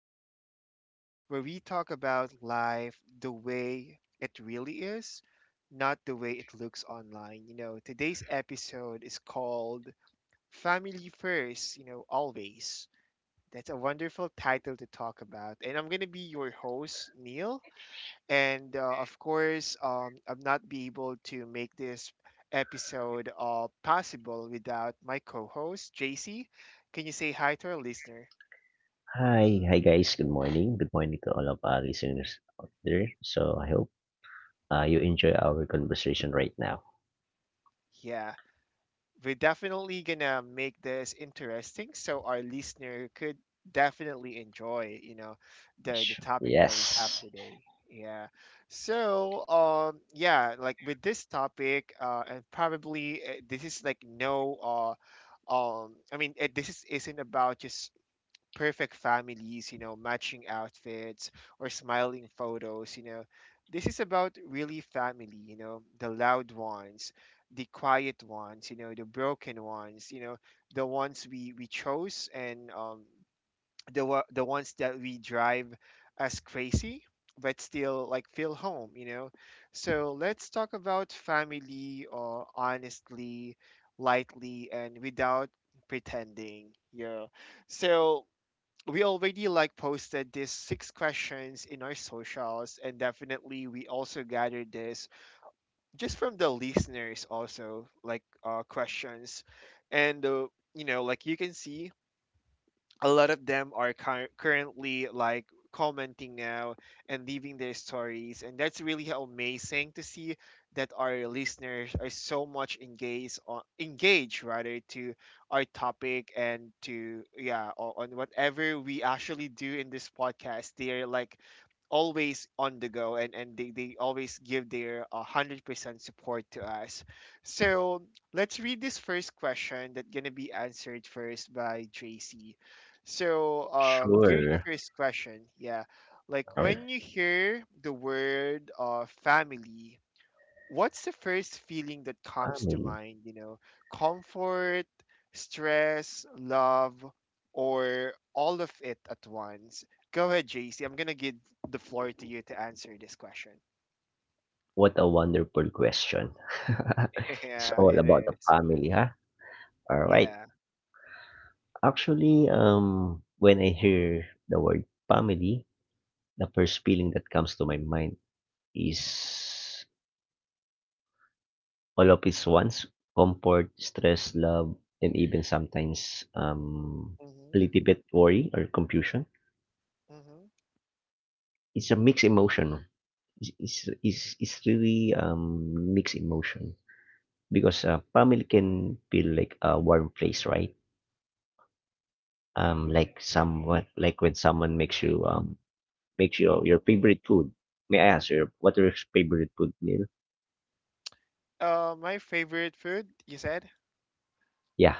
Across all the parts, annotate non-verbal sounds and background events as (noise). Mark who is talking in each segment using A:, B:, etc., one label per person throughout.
A: podcast, you know, where we talk about life the way it really is, not the way it looks online. You know, today's episode is called Family First, you know, always. That's a wonderful title to talk about. And I'm going to be your host, Neil. I've not be able to make this episode possible without my co-host JC. Can you say hi to our listener?
B: Hi. Hi, guys. Good morning. Good morning to all of our listeners out there. So I hope you enjoy our conversation right now.
A: Yeah, we're definitely gonna make this interesting so our listener could definitely enjoy, the topic that we have
B: Yes.
A: today. Yeah. Like with this topic, and probably this is like no, I mean, this is, isn't about just perfect families, you know, matching outfits or smiling photos, you know. This is about really family, you know, the loud ones, the quiet ones, you know, the broken ones, you know, the ones we chose and the ones that we drive as crazy but still like feel home, you know. So let's talk about family or honestly, lightly and without pretending. Yeah. So we already like posted these six questions in our socials and definitely we also gathered this just from the listeners also like questions and you know, like you can see a lot of them are currently like commenting now and leaving their stories, and that's really how amazing to see that our listeners are so much engaged on engaged rather to our topic and to yeah on whatever we actually do in this podcast. They're like always on the go, and they always give their 100% support to us. So let's read this first question that gonna be answered first by JC. Here's the
B: Sure.
A: first question. Yeah. Like
B: All right.
A: when you hear the word family, what's the first feeling that comes to
B: Family.
A: mind? You know, comfort, stress, love, or all of it at once? Go ahead, JC. I'm gonna give the floor to you to answer this question.
B: What a wonderful question. (laughs)
A: (laughs)
B: It's
A: Yeah,
B: all
A: it
B: about the
A: is.
B: family, huh? All right.
A: Yeah.
B: Actually, when I hear the word family, the first feeling that comes to my mind is all of his wants, comfort, stress, love, and even sometimes a
A: Mm-hmm.
B: little bit worry or confusion.
A: Mm-hmm.
B: It's a mixed emotion. It's really mixed emotion because family can feel like a warm place, right? Like someone, like when someone makes you your favorite food. May I ask you what are your favorite food meal?
A: My favorite food, you said?
B: Yeah,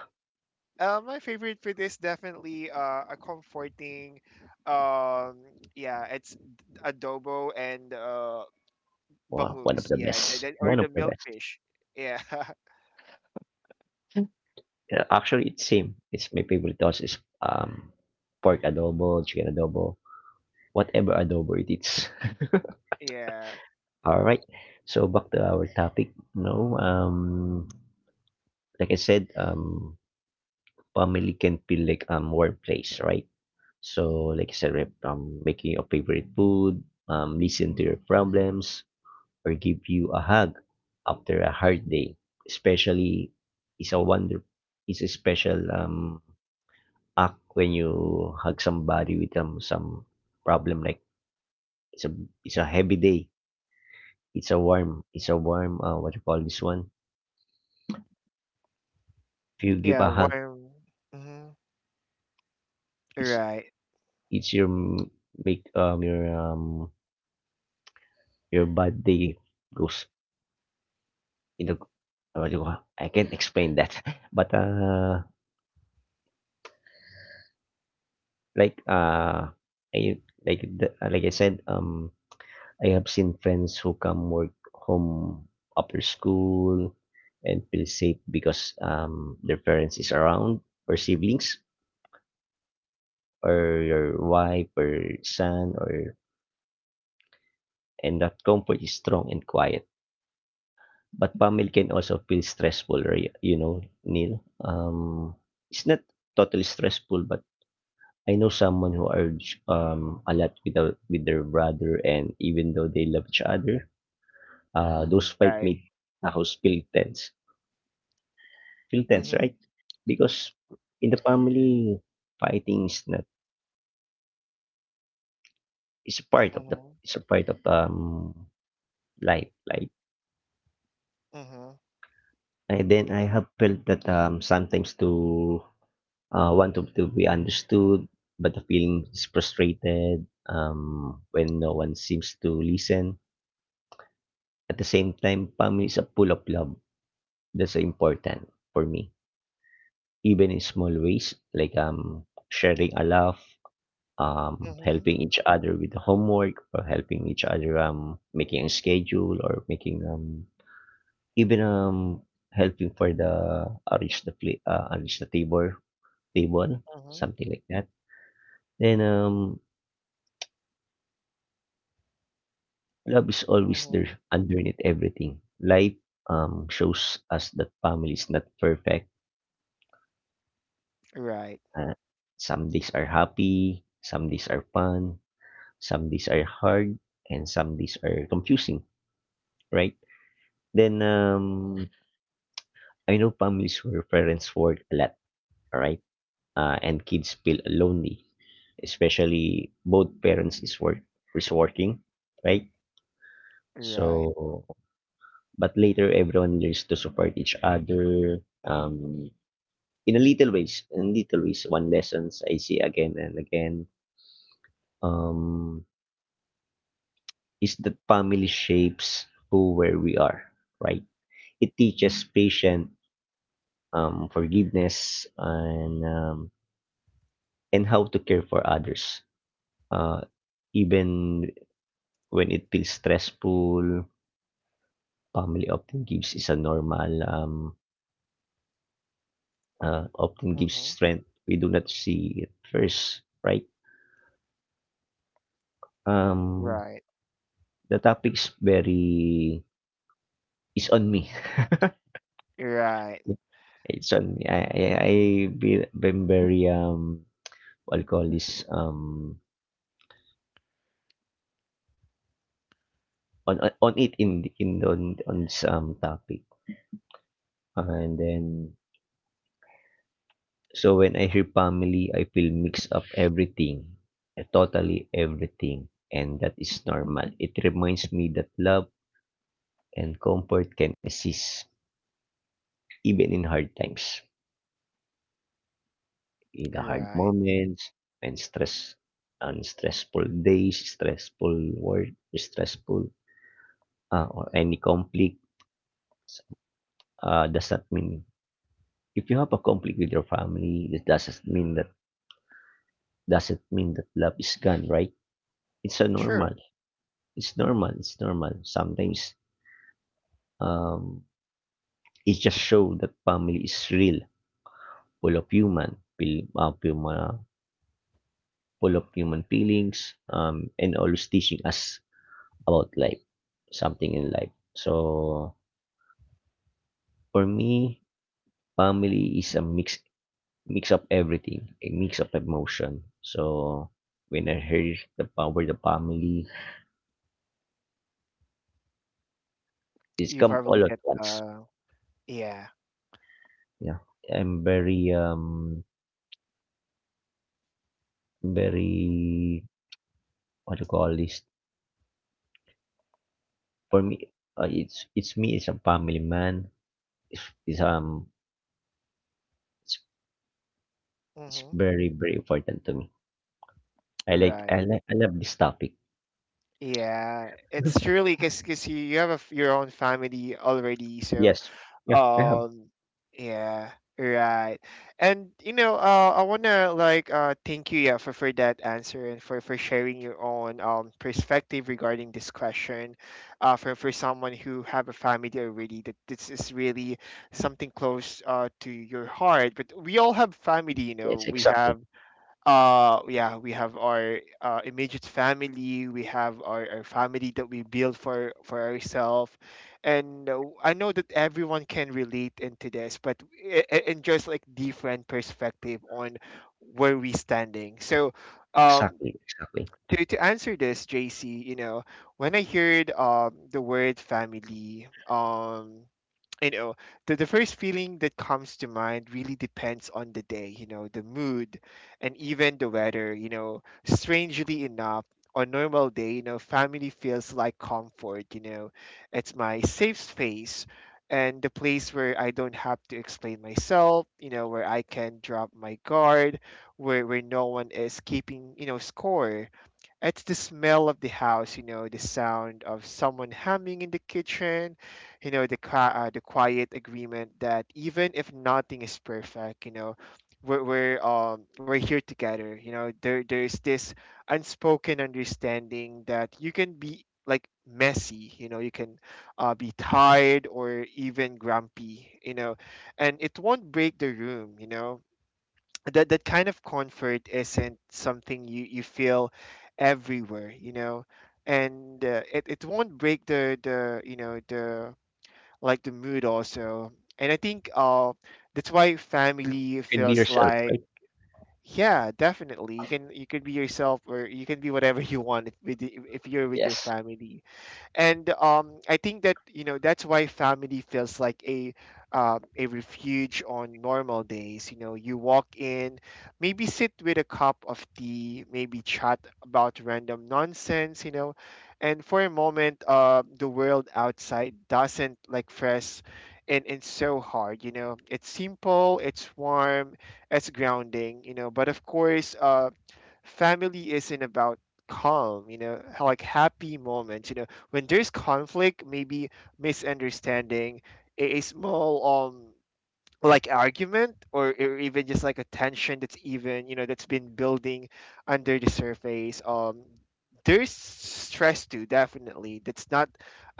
A: My favorite food is definitely a comforting, um, yeah, it's adobo and
B: well, one of
A: bangus,
B: the
A: yeah,
B: best.
A: or
B: One of
A: the
B: the best.
A: milkfish, yeah,
B: Yeah, actually, it's same. It's my favorite also is pork adobo, chicken adobo, whatever adobo it is.
A: (laughs) yeah,
B: (laughs) All right. So back to our topic. No, like I said, family can feel like warm place, right? So like I said, right, making your favorite food, listen to your problems, or give you a hug after a hard day, especially is a wonder, is a special act when you hug somebody with some problem like it's a it's a heavy day. It's a warm what you call this one. If you give
A: yeah,
B: a hug,
A: warm, mm-hmm.
B: it's
A: Right,
B: it's your make your bad day goes in the what you call I can't explain that, (laughs) but like I like the, like I said I have seen friends who come work home after school and feel safe because their parents is around or siblings or your wife or son or and that comfort is strong and quiet. But family can also feel stressful, right? You know, Neil. It's not totally stressful, but I know someone who urge a lot with with their brother, and even though they love each other, Mm-hmm. Those fight
A: right,
B: made a house feel tense. Feel tense,
A: mm-hmm.
B: right? Because in the family, fighting is not
A: Mm-hmm.
B: is a part of, life, like
A: Mm-hmm.
B: and then I have felt that, sometimes want to be understood, but the feeling is frustrated, when no one seems to listen. At the same time, family is a pool of love. That's important for me, even in small ways, like, sharing a laugh,
A: Mm-hmm.
B: helping each other with the homework, or helping each other, making a schedule, or making, even, helping for the arrange the table,
A: Mm-hmm.
B: something like that. Then love is always
A: Mm-hmm.
B: there underneath everything life shows us that family is not perfect,
A: Right,
B: uh, some days are happy, some days are fun, some days are hard, and some days are confusing, right? Then I know families where parents work a lot, right? And kids feel lonely, especially both parents is working, right?
A: right,
B: So, but later everyone learns to support each other. In little ways, one lessons I see again and again. Um, is that family shapes who where we are, right? It teaches patience, forgiveness, and how to care for others. Uh, even when it feels stressful, family often gives is a normal, often gives
A: mm-hmm.
B: strength we do not see it first, right? Um,
A: Right,
B: the topic is on me. (laughs)
A: right,
B: It's on me. I've been very, what you call this, on it on this, topic. And then, so when I hear family, I feel mixed up everything, totally everything, and that is normal. It reminds me that love and comfort can exist even in hard times, in the hard
A: right,
B: moments, and stress, and stressful days, stressful work, stressful, or any conflict. Does not mean If you have a conflict with your family, it doesn't mean that love is gone, right? It's a normal.
A: true.
B: It's normal, it's normal. Sometimes um, it just shows that family is real, full of human, feel, uh, full, uh, full of human feelings, and always teaching us about life, something in life. So for me, family is a mix of everything, a mix of emotion. So when I heard the power of the family, it's
A: You
B: come
A: probably
B: all at
A: get
B: once.
A: yeah,
B: Yeah, I'm very what do you call this. For me, it's me, as a family man. It's, it's um, it's, it's
A: mm-hmm.
B: very, very important to me.
A: Right.
B: I love this topic.
A: Yeah, it's
B: (laughs)
A: truly because you have a f your own family already, so
B: Yes. Yeah, I have.
A: um, yeah, right. And you know, I wanna like thank you, yeah, for that answer and for sharing your own perspective regarding this question, for someone who have a family already, that this is really something close to your heart. But we all have family, you know.
B: Yes,
A: We
B: exactly,
A: have yeah, we have our immediate family, we have our family that we build for ourselves, and I know that everyone can relate into this, but it, and just like different perspective on where we standing. So um
B: exactly, exactly.
A: to answer this, JC, you know, when I heard the word family, you know, the first feeling that comes to mind really depends on the day, you know, the mood and even the weather, you know, strangely enough. On normal day, you know, family feels like comfort, you know, it's my safe space and the place where I don't have to explain myself, you know, where I can drop my guard, where no one is keeping, you know, score. It's the smell of the house, you know, the sound of someone humming in the kitchen, you know, the the quiet agreement that even if nothing is perfect, you know, we're we're here together. You know, there there's this unspoken understanding that you can be like messy, you know, you can be tired or even grumpy, you know, and it won't break the room, you know. That that kind of comfort isn't something you feel everywhere, you know. And it, it won't break the, you know, the like the mood also. And I think that's why family
B: You can be
A: feels
B: yourself,
A: like—
B: right?
A: yeah, definitely you can be yourself, or you can be whatever (laughs) you want if, if you're with your
B: Yes.
A: family. And I think that, you know, that's why family feels like a refuge on normal days. You know, you walk in, maybe sit with a cup of tea, maybe chat about random nonsense. You know, and for a moment, the world outside doesn't like press and so hard. You know, it's simple, it's warm, it's grounding. You know, but of course, family isn't about calm, you know, like happy moments. You know, when there's conflict, maybe misunderstanding, a small like argument, or even just like a tension that's even, you know, that's been building under the surface. There's stress too, definitely. That's not—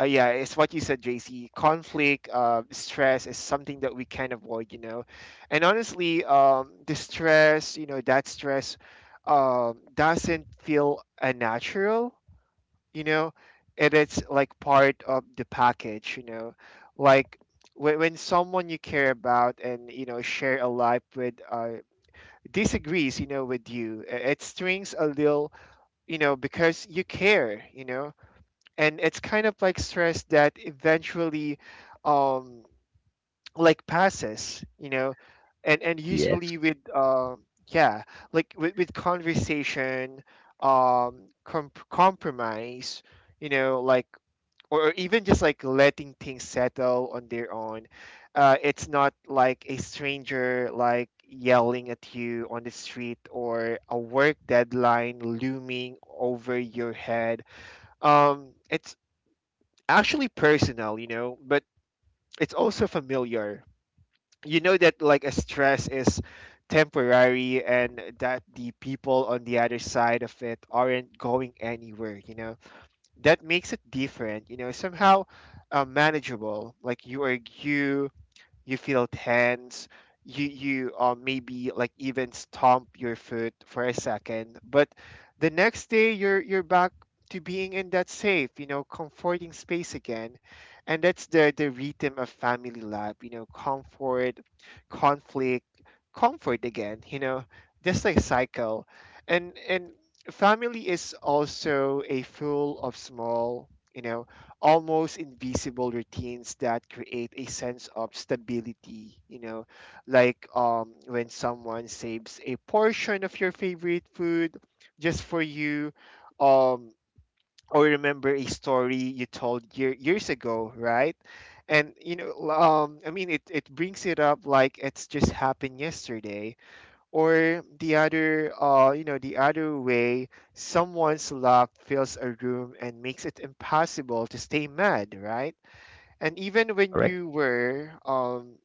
A: yeah, it's what you said, JC. Conflict, stress is something that we can't avoid, you know. And honestly, the stress, you know, that stress doesn't feel unnatural, you know, and it's like part of the package, you know. Like when someone you care about and you know share a life with disagrees, you know, with you, it strings a little, you know, because you care, you know. And it's kind of like stress that eventually um like passes, you know, and
B: Yes.
A: usually with yeah like with conversation, compromise, you know, like or even just like letting things settle on their own. It's not like a stranger like yelling at you on the street or a work deadline looming over your head. It's actually personal, you know, but it's also familiar. You know that like a stress is temporary and that the people on the other side of it aren't going anywhere, you know. That makes it different, you know, somehow manageable. Like you are, you feel tense, you maybe like even stomp your foot for a second, but the next day you're back to being in that safe, you know, comforting space again. And that's the rhythm of family life, you know. Comfort, conflict, comfort again, you know, just like cycle. And family is also a full of small, you know, almost invisible routines that create a sense of stability, you know. Like when someone saves a portion of your favorite food just for you, um or remember a story you told year, years ago, right? And you know, I mean it, it brings it up like it's just happened yesterday, or the other, you know, the other way someone's love fills a room and makes it impossible to stay mad, right? And even when
B: Correct.
A: you were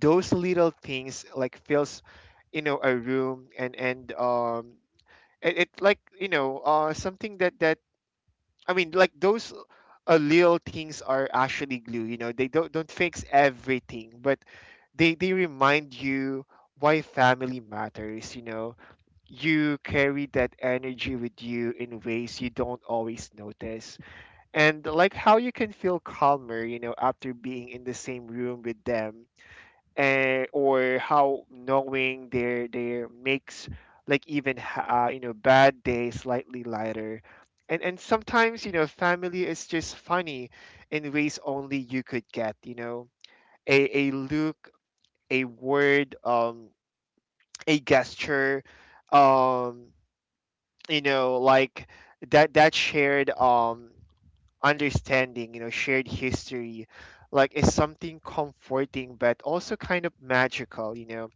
A: those little things like fills, you know, a room, and it, it like you know something that that like those little things are actually glue, you know. They don't fix everything, but they remind you why family matters, you know. You carry that energy with you in ways you don't always notice. And like how you can feel calmer, you know, after being in the same room with them, and or how knowing their makes like even you know, bad days slightly lighter. And sometimes, you know, family is just funny in ways only you could get, you know. A, a look, a word, a gesture, um you know, like that that shared understanding, you know, shared history, like is something comforting but also kind of magical, you know.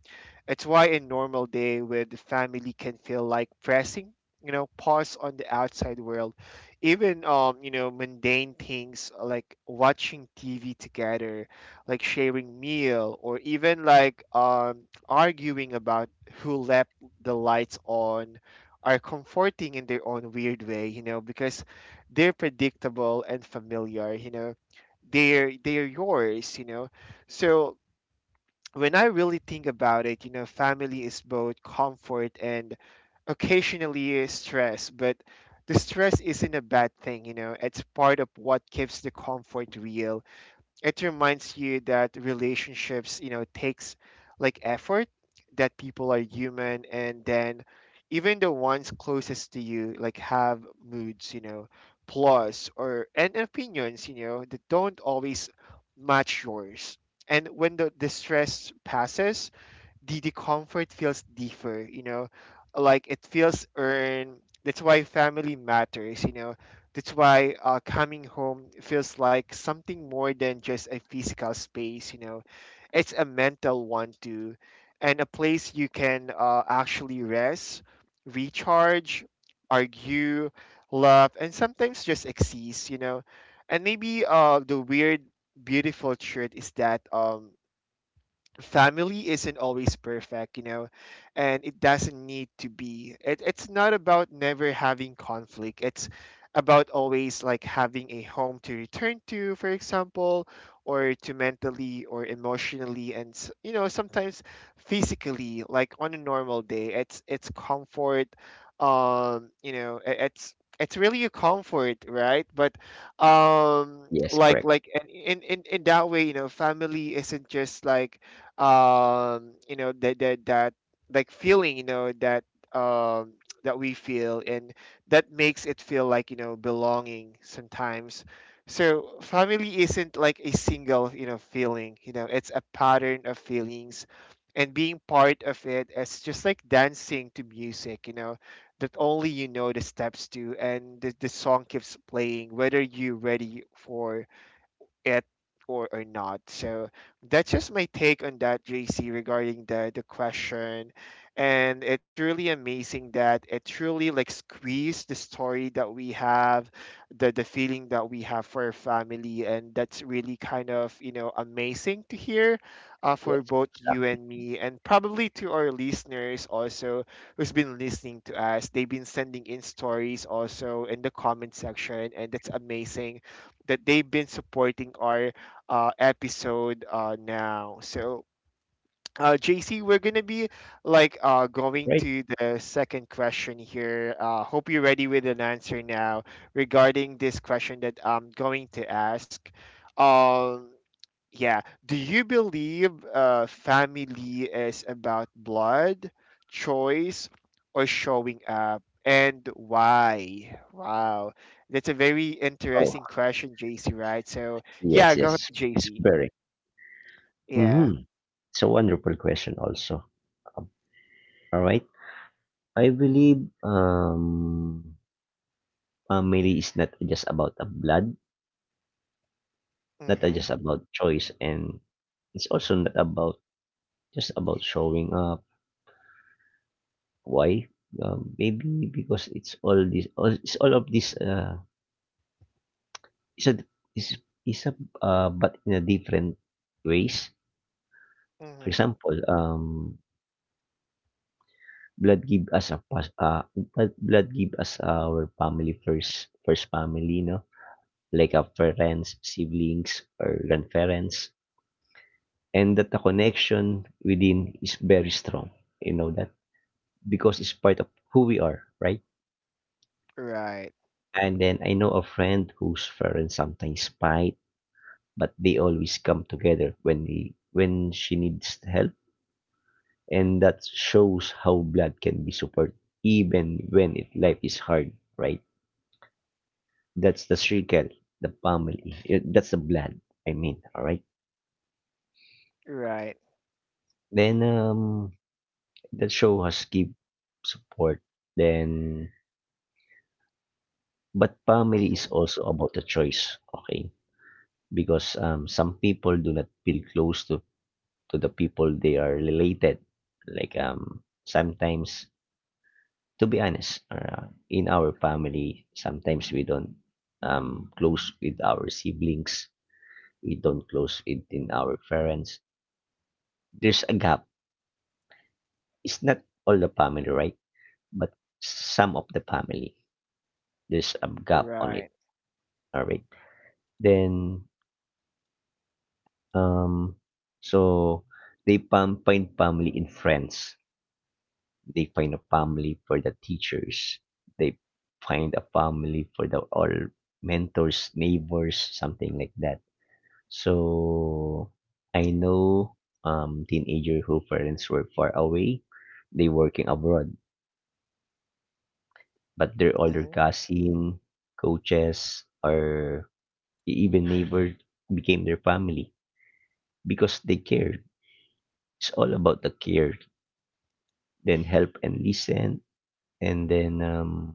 A: It's why a normal day with family can feel like pressing, you know, pause on the outside world. Even you know, mundane things like watching TV together, like sharing meal, or even like arguing about who left the lights on are comforting in their own weird way, you know, because they're predictable and familiar, you know. They're yours, you know. So when I really think about it, you know, family is both comfort and occasionally stress, but the stress isn't a bad thing, you know. It's part of what keeps the comfort real. It reminds you that relationships, you know, takes like effort, that people are human and then even the ones closest to you like have moods, you know, plus or and opinions, you know, that don't always match yours. And when the distress passes, the comfort feels deeper, you know, like it feels earned. That's why family matters, you know. That's why coming home feels like something more than just a physical space, you know. It's a mental one too, and a place you can actually rest, recharge, argue, love, and sometimes just exist, you know. And maybe the weird, beautiful truth is that family isn't always perfect, you know, and it doesn't need to be. It's not about never having conflict. It's about always like having a home to return to, for example, or to mentally or emotionally and you know, sometimes physically, like on a normal day. It's comfort. You know, it's really a comfort, right? But
B: Yes.
A: like
B: Correct.
A: like and in that way, you know, family isn't just like you know that like feeling, you know, that um that we feel and that makes it feel like, you know, belonging sometimes. So family isn't like a single, you know, feeling, you know, it's a pattern of feelings, and being part of it is just like dancing to music, you know, that only you know the steps to. And the song keeps playing whether you're ready for it or not. So that's just my take on that, JC, regarding the question. And it's truly amazing that it truly like squeezed the story that we have, the feeling that we have for our family, and that's really kind of, you know, amazing to hear
B: Yes.
A: for both you
B: Exactly.
A: and me, and probably to our listeners also who's been listening to us. They've been sending in stories also in the comment section, and that's amazing that they've been supporting our episode now. So, JC, we're gonna be like going
B: Right.
A: to the second question here. Hope you're ready with an answer now regarding this question that I'm going to ask. Um, yeah. Do you believe family is about blood, choice, or showing up? And why? Wow. That's a very
B: Oh,
A: interesting question, JC, right? So, yeah,
B: yes.
A: go ahead,
B: Yes. It's
A: JC.
B: very.
A: Yeah.
B: Mm-hmm. It's a wonderful question, also. Um, all right. I believe family is not just about the blood. Not
A: Mm-hmm.
B: just about choice, and it's also not about just about showing up. Why? Maybe because it's all this, all, it's all of this it's a it's, it's a but in a different ways. For
A: Mm-hmm.
B: example, blood give us a pas- blood blood give us our family, first family, no, like our parents, siblings, or grandparents, and that the connection within is very strong, you know that, because it's part of who we are, right?
A: Right.
B: And then I know a friend whose parents sometimes fight, but they always come together when when she needs help, and that shows how blood can be support even when life is hard, right? That's the circle, the family. That's the blood. I mean, all right.
A: Right.
B: Then that show has give support. Then, but family is
A: Mm-hmm.
B: also about the choice. Okay, because some people do not feel close to the people they are related. Like, sometimes, to be honest, in our family, sometimes we don't close with our siblings. We don't close within our parents. There's a gap. It's not all the family, right? But some of the family, there's a gap on it.
A: Right.
B: All right. Then, um, so they find family in friends. They find a family for the teachers. They find a family for the all mentors, neighbors, something like that. So I know teenager who parents were far away, they working abroad, but their older
A: Mm-hmm.
B: cousin, coaches, or even neighbor became their family because they cared. It's all about the care, then help and listen, and then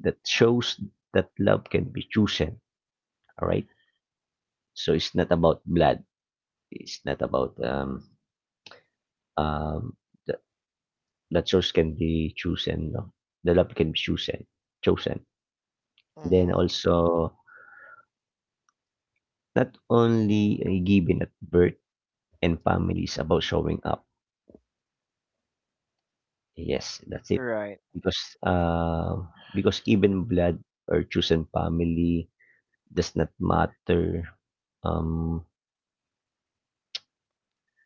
B: that shows that love can be chosen. All right. So it's not about blood. It's not about um the, the choice can be chosen. No? The love can be chosen. Chosen. Then
A: Mm-hmm.
B: also not only given at birth, and family is about showing up. Yes, that's it.
A: Right.
B: Because um because even blood or chosen family does not matter. Um,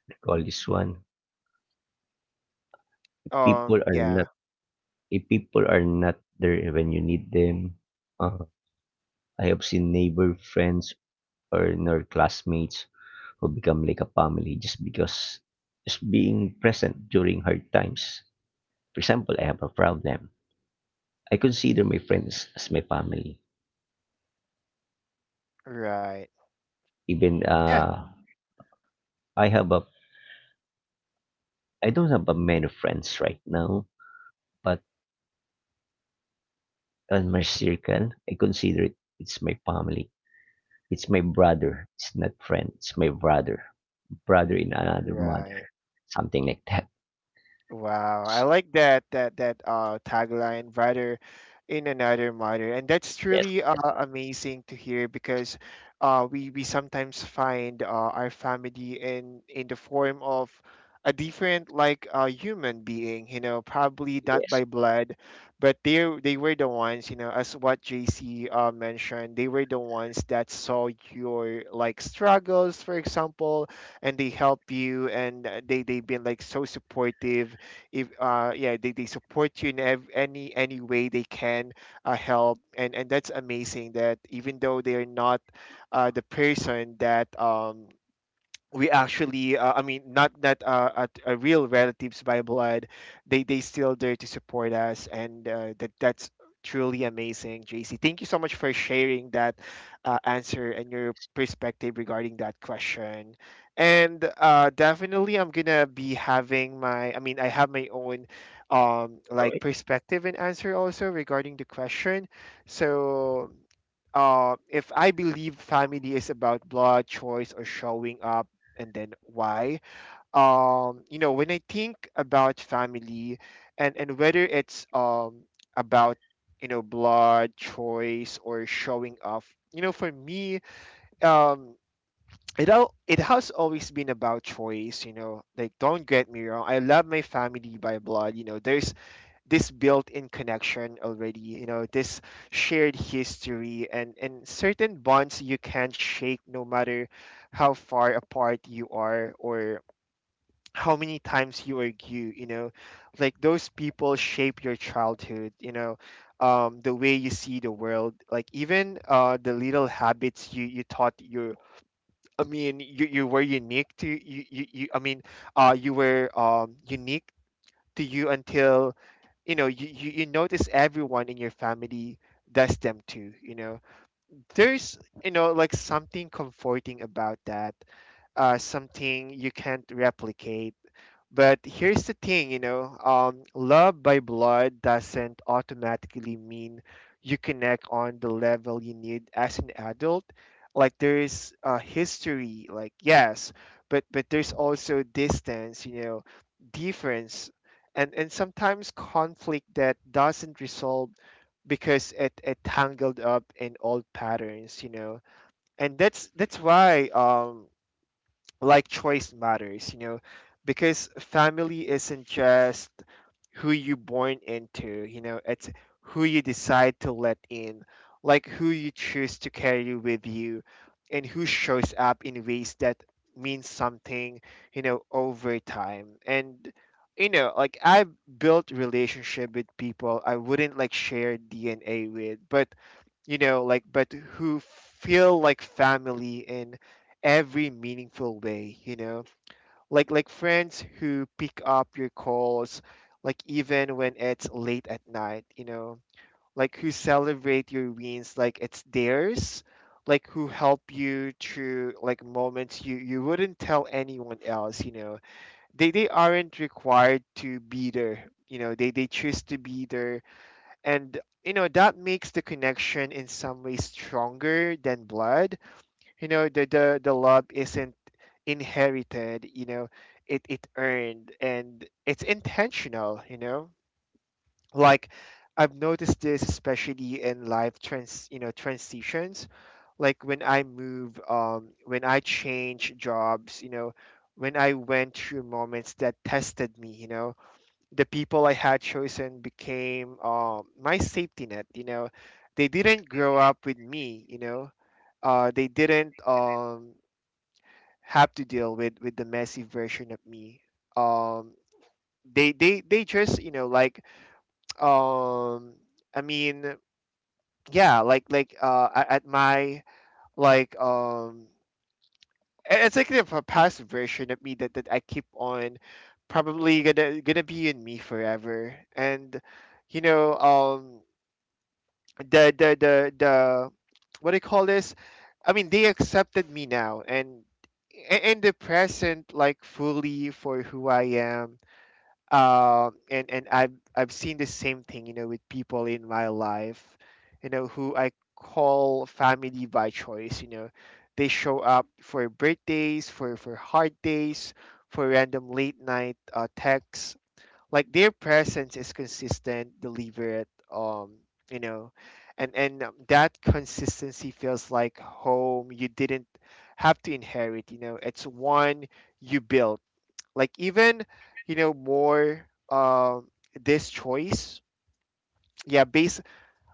B: Recall this one. People are
A: Yeah.
B: not If people are not there when you need them. uh, I have seen neighbor, friends, or nor classmates who become like a family just because just being present during hard times. For example, I have a problem. I consider my friends as my family.
A: Right.
B: Even,
A: Yeah.
B: I have a I don't have a many friends right now, but on my circle, I consider it's my family. It's my brother. It's not friend. It's my brother, brother in another
A: Right.
B: mother, something like that.
A: Wow, I like that that tagline rather in another matter, and that's
B: Yes,
A: truly amazing to hear because we sometimes find our family in the form of a different like human being, you know, probably not
B: yes,
A: by blood, but they were the ones, you know, as what JC mentioned, they were the ones that saw your like struggles, for example, and they help you and they've been like so supportive if yeah, they support you in any way they can help. And that's amazing that even though they're not the person that we actually I mean, not that at a real relatives by blood, they still there to support us and that's truly amazing, JC. Thank you so much for sharing that answer and your perspective regarding that question. And definitely I'm gonna be having my, I mean, I have my own like
B: right.
A: perspective and answer also regarding the question. So if I believe family is about blood, choice, or showing up, and then why, you know, when I think about family and whether it's about, you know, blood, choice, or showing up, you know, for me, um, it has always been about choice, you know. Like, don't get me wrong. I love my family by blood, you know. There's this built-in connection already, you know, this shared history and certain bonds you can't shake, no matter how far apart you are or how many times you argue, you know. Like, those people shape your childhood, you know, the way you see the world, like even the little habits you you thought you, I mean you were unique to you, you I mean you were unique to you until, you know, you notice everyone in your family does them too, you know. There's, you know, like something comforting about that, something you can't replicate. But here's the thing, you know, love by blood doesn't automatically mean you connect on the level you need as an adult. Like, there's a history, like, yes, but there's also distance, you know, difference, and sometimes conflict that doesn't resolve because it tangled up in old patterns, you know, and that's why like choice matters, you know, because family isn't just who you born into, you know, it's who you decide to let in, like who you choose to carry with you and who shows up in ways that means something, you know, over time. And you know, like I've built relationship with people I wouldn't like share DNA with, but you know, like, but who feel like family in every meaningful way, you know. Like friends who pick up your calls, like even when it's late at night, you know, like who celebrate your wins like it's theirs, like who help you through like moments you you wouldn't tell anyone else, you know. They aren't required to be there, you know. They choose to be there, and you know that makes the connection in some ways stronger than blood, you know. The love isn't inherited, you know. It earned and it's intentional, you know. Like, I've noticed this especially in life trans you know, transitions. Like when I move, when I change jobs, you know, when I went through moments that tested me, you know, the people I had chosen became my safety net. You know, they didn't grow up with me. You know, they didn't have to deal with the messy version of me. Um, they just, you know, like (tsk) um, I mean, yeah, like at my like it's like the past version of me that that I keep on, probably gonna gonna be in me forever, and you know the what do you call this? I mean, they accepted me now, and in the present, like fully for who I am. And I've seen the same thing, you know, with people in my life, you know, who I call family by choice. You know, they show up for birthdays, for hard days, for random late night texts. Like, their presence is consistent, deliberate, you know, and that consistency feels like home. You didn't have to inherit, you know. It's one you built. Like, even, you know, more um this choice, yeah, based,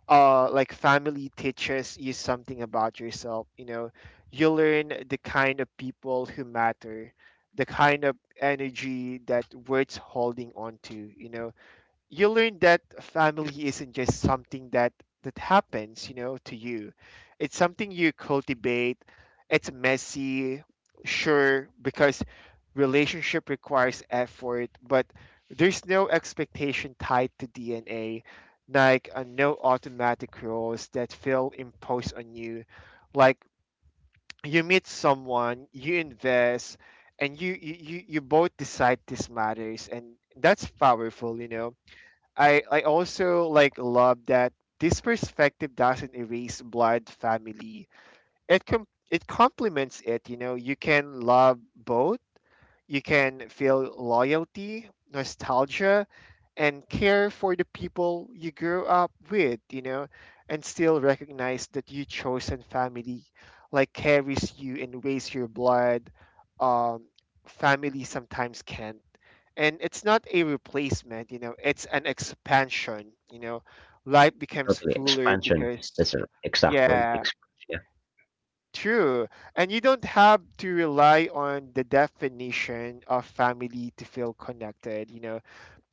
A: like family teaches you something about yourself, you know. You learn the kind of people who matter, the kind of energy that worth's holding on to, you know. You learn that family isn't just something that that happens, you know, to you. It's something you cultivate. It's messy, sure, because relationship requires effort. But there's no expectation tied to DNA, like, no automatic rules that feel imposed on you. Like, you meet someone, you invest, and you both decide this matters, and that's powerful, you know. I also like love that this perspective doesn't erase blood family. It complements it. You know, you can love both. You can feel loyalty, nostalgia, and care for the people you grew up with, you know, and still recognize that your chosen family like carries you and weighs your blood. Um, family sometimes can't. And it's not a replacement, you know. It's an expansion, you know. Life becomes
B: Totally.
A: fuller
B: Expansion.
A: because
B: That's an exact word.
A: yeah
B: Expansion. Yeah,
A: True. And you don't have to rely on the definition of family to feel connected. You know,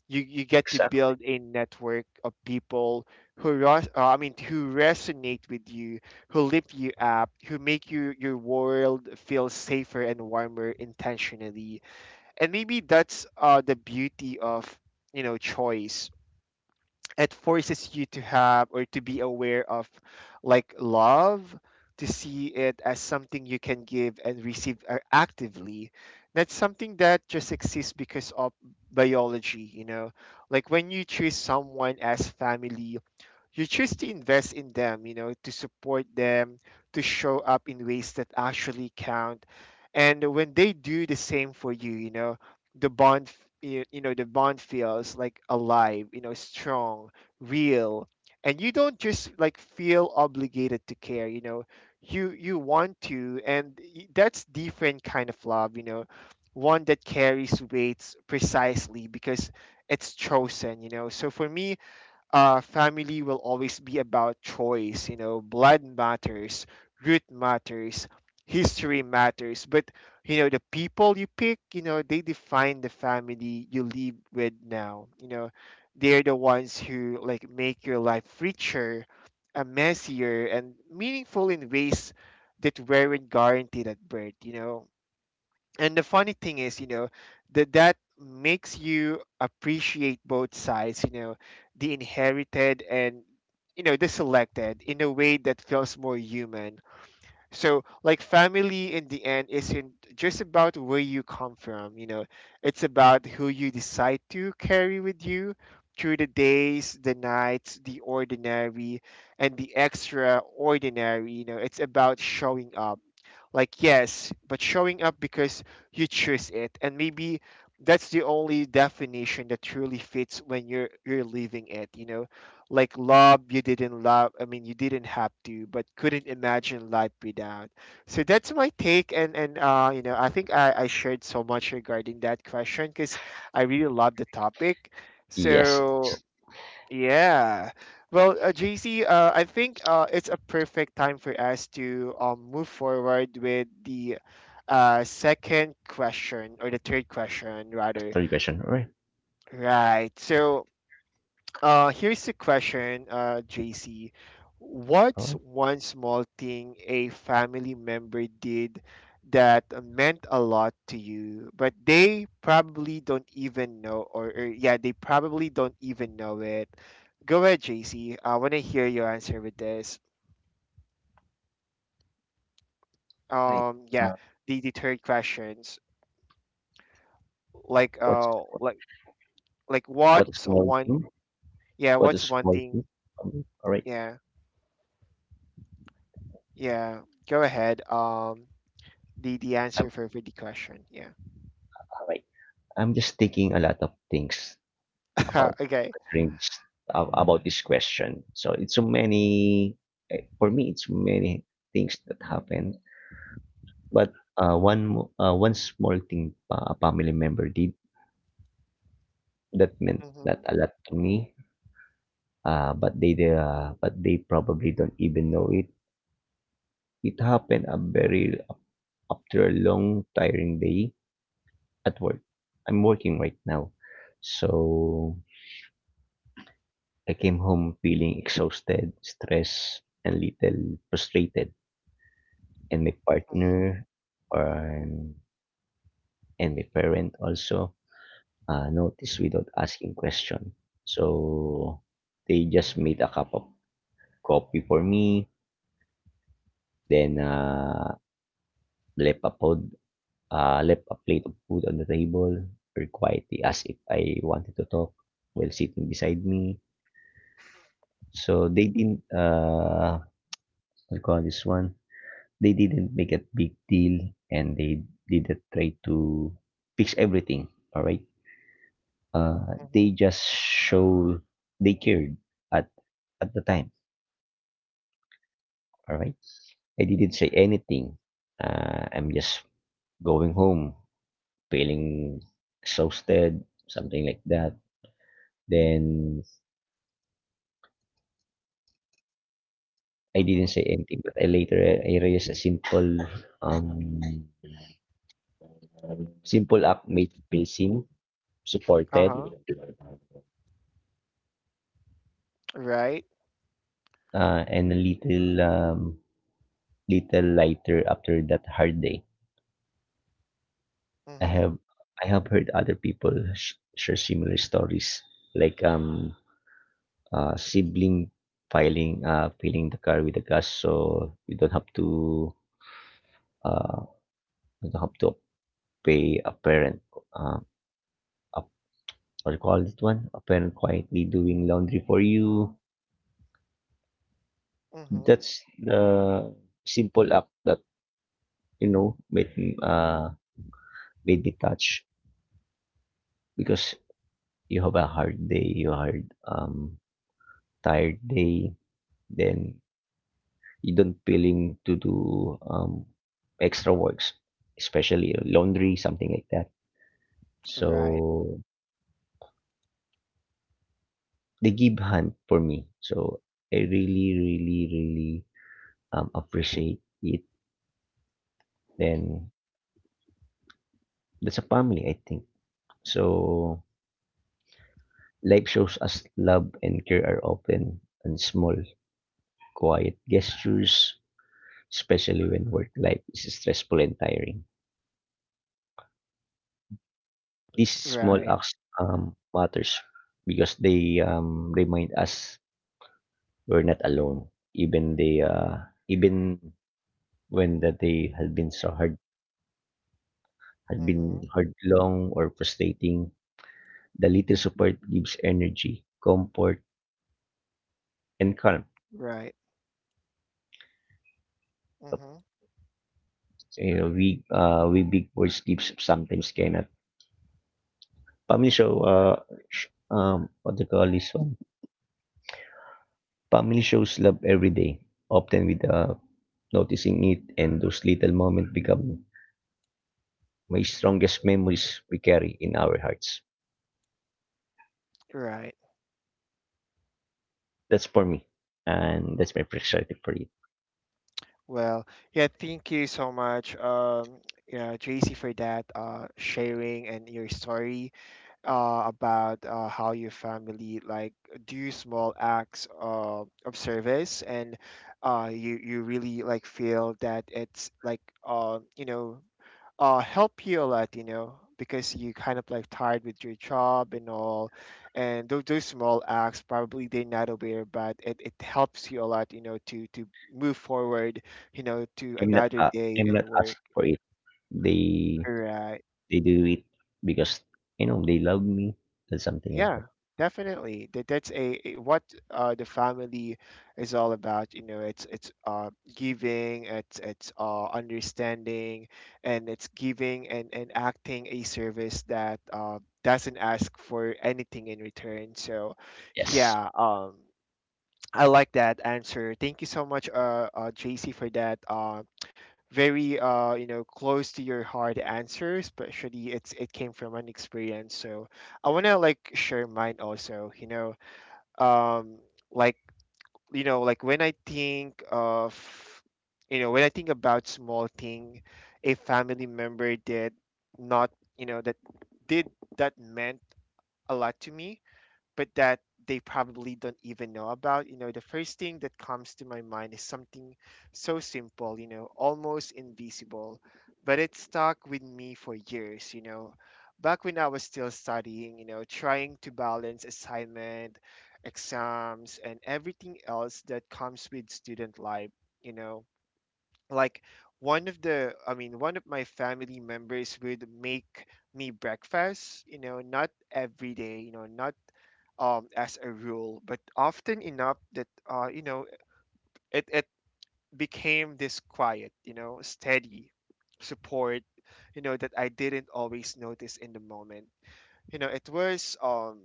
A: you get to
B: exactly.
A: build a network of people who I mean who resonate with you, who lift you up, who make you your world feel safer and warmer intentionally. And maybe that's the beauty of, you know, choice. It forces you to have or to be aware of like love, to see it as something you can give and receive actively, not something that just exists because of biology, you know. Like when you choose someone as family, you choose to invest in them, you know, to support them, to show up in ways that actually count. And when they do the same for you, you know, the you know, the bond feels like alive, you know, strong, real. And you don't just like feel obligated to care, you know. You want to, and that's different kind of love, you know, one that carries weights precisely because it's chosen, you know. So for me, family will always be about choice. You know, blood matters, root matters, history matters. But you know, the people you pick, you know, they define the family you live with now. You know, they're the ones who like make your life richer, messier, and meaningful in ways that weren't guaranteed at birth. You know, and the funny thing is, you know, that makes you appreciate both sides, you know, the inherited and, you know, the selected in a way that feels more human. So, like, family in the end isn't just about where you come from, you know, it's about who you decide to carry with you through the days, the nights, the ordinary, and the extraordinary. You know, it's about showing up. Like, yes, but showing up because you choose it. And maybe that's the only definition that truly fits when you're leaving it, you know, like love you didn't love, I mean you didn't have to but couldn't imagine life without. So that's my take, and you know, I think I shared so much regarding that question because I really love the topic.
B: Yes, it's-
A: So yeah. Well, JC, I think it's a perfect time for us to move forward with the, uh, second question, or the third question
B: That's
A: rather.
B: third question. All right.
A: Right. So, here's the question, JC. What's
B: All
A: one small thing a family member did that meant a lot to you, but they probably don't even know, or, yeah, they probably don't even know it? Go ahead, JC. I want to hear your answer with this.
B: right. Right.
A: Yeah,
B: Uh,
A: the third questions, like
B: what's
A: uh,
B: what,
A: like like
B: what is
A: what's
B: small
A: one,
B: thing?
A: yeah,
B: What
A: what's
B: is
A: one
B: small thing?
A: thing,
B: All right.
A: yeah, yeah. Go ahead. The
B: I'm
A: answer for, the question. Yeah.
B: all right. I'm just thinking a lot of things about
A: (laughs) Okay.
B: answering about this question. So it's so many. For me, it's many things that happen. But, one small thing, a family member did that meant that
A: Mhm.
B: a lot to me, but they probably don't even know it. It happened a very after a long, tiring day at work. I'm working right now. So, I came home feeling exhausted, stressed, and little frustrated, and my
A: Mhm.
B: partner, um, and my parent also, notice without asking question. So they just made a cup of coffee for me, then,
A: Mhm.
B: left a pod, left a plate of food on the table very quietly as if I wanted to talk while sitting beside me. So they didn't what you call this one. They didn't make a big deal and they didn't try to fix everything. All right. They
A: Mhm.
B: just show they cared at at the time. All right. I didn't say anything. I'm just going home, feeling exhausted, something like that. Then I didn't
A: Mhm.
B: say anything, but I later I realized a simple, um, simple act made me feel seen,
A: Uh
B: supported,
A: huh. Right.
B: and a little, little lighter after that hard day. I
A: Mhm.
B: have I have heard other people share similar stories, like sibling filing filing the car with the gas, so you don't have to uh, you don't have to pay a parent. Uh, a, what do you call it one? A parent quietly doing laundry for you.
A: Mhm.
B: That's the simple act that made made me touch, because you have a hard day, you hard tired day, then you don't feeling to do extra works, especially laundry, something like that.
A: Right.
B: So they give hand for me. So I really, really, really appreciate it. And that's a family, I think. So life shows us love and care are often and small, quiet gestures, especially when work life is stressful and tiring. These small
A: Right.
B: acts matters because they remind us we're not alone, even they even when the day has been so hard had been
A: Mhm.
B: hard, long, or frustrating, the little support gives energy, comfort, and calm.
A: Right. Mhm.
B: You know, we big boys gives sometimes cannot. Family show what they call this one. Family shows love every day, often with noticing it, and those little moments become my strongest memories we carry in our hearts.
A: Right.
B: That's for me, and that's my perspective for it.
A: Well, yeah. Thank you so much, yeah, Tracy, for that sharing and your story, about how your family like do small acts of service, and you really like feel that it's like, you know, help you a lot, you know, because you kind of like tired with your job and all, and those small acts probably they're not aware, but it helps you a lot, you know, to move forward, you know, to another day
B: I'm
A: and
B: not
A: work.
B: asking for it. They
A: Right.
B: They do it because, you know, they love me and something like
A: Yeah,
B: that.
A: definitely. That's a, what, the family is all about. You know, it's giving, it's understanding, and it's giving and, acting a service that, doesn't ask for anything in return. So,
B: Yes.
A: yeah, I like that answer. Thank you so much, uh, JC, for that. Very you know close to your heart answer, especially it's it came from an experience. So I want to like share mine also, you know. um like, you know, like when I think of, you know, when I think about small thing a family member did, not, you know, that did, that meant a lot to me, but that they probably don't even know about. You know, the first thing that comes to my mind is something so simple, you know, almost invisible, but it stuck with me for years, you know. Back when I was still studying, you know, trying to balance assignment, exams, and everything else that comes with student life, you know, like one of the, I mean, one of my family members would make me breakfast, you know, not every day, you know, not, as a rule, but often enough that, you know, it became this quiet, you know, steady support, you know, that I didn't always notice in the moment. You know, it was,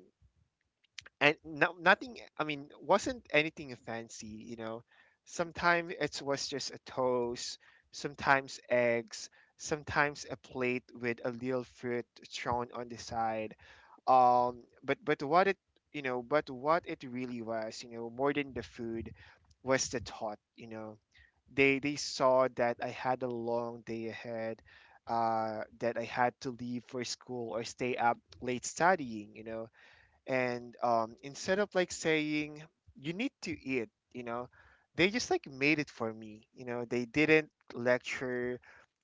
A: and no, nothing. I mean, wasn't anything fancy, you know. Sometimes it was just a toast, sometimes eggs, sometimes a plate with a little fruit thrown on the side. But what it, you know, but what it really was, you know, more than the food, was the thought, you know. They saw that I had a long day ahead, that I had to leave for school or stay up late studying, you know. And, instead of like saying you need to eat, you know, they just like made it for me, you know. They didn't lecture,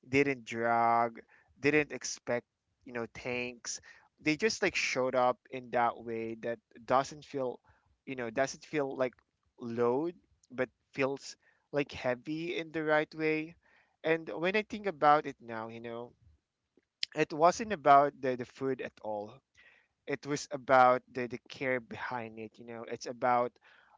A: didn't drag, didn't expect, you know, tanks. They just like showed up in that way that doesn't feel, you know, doesn't feel like load, but feels like heavy in the right way. And when I think about it now, you know, it wasn't about the food at all. It was about the care behind it, you know. It's about,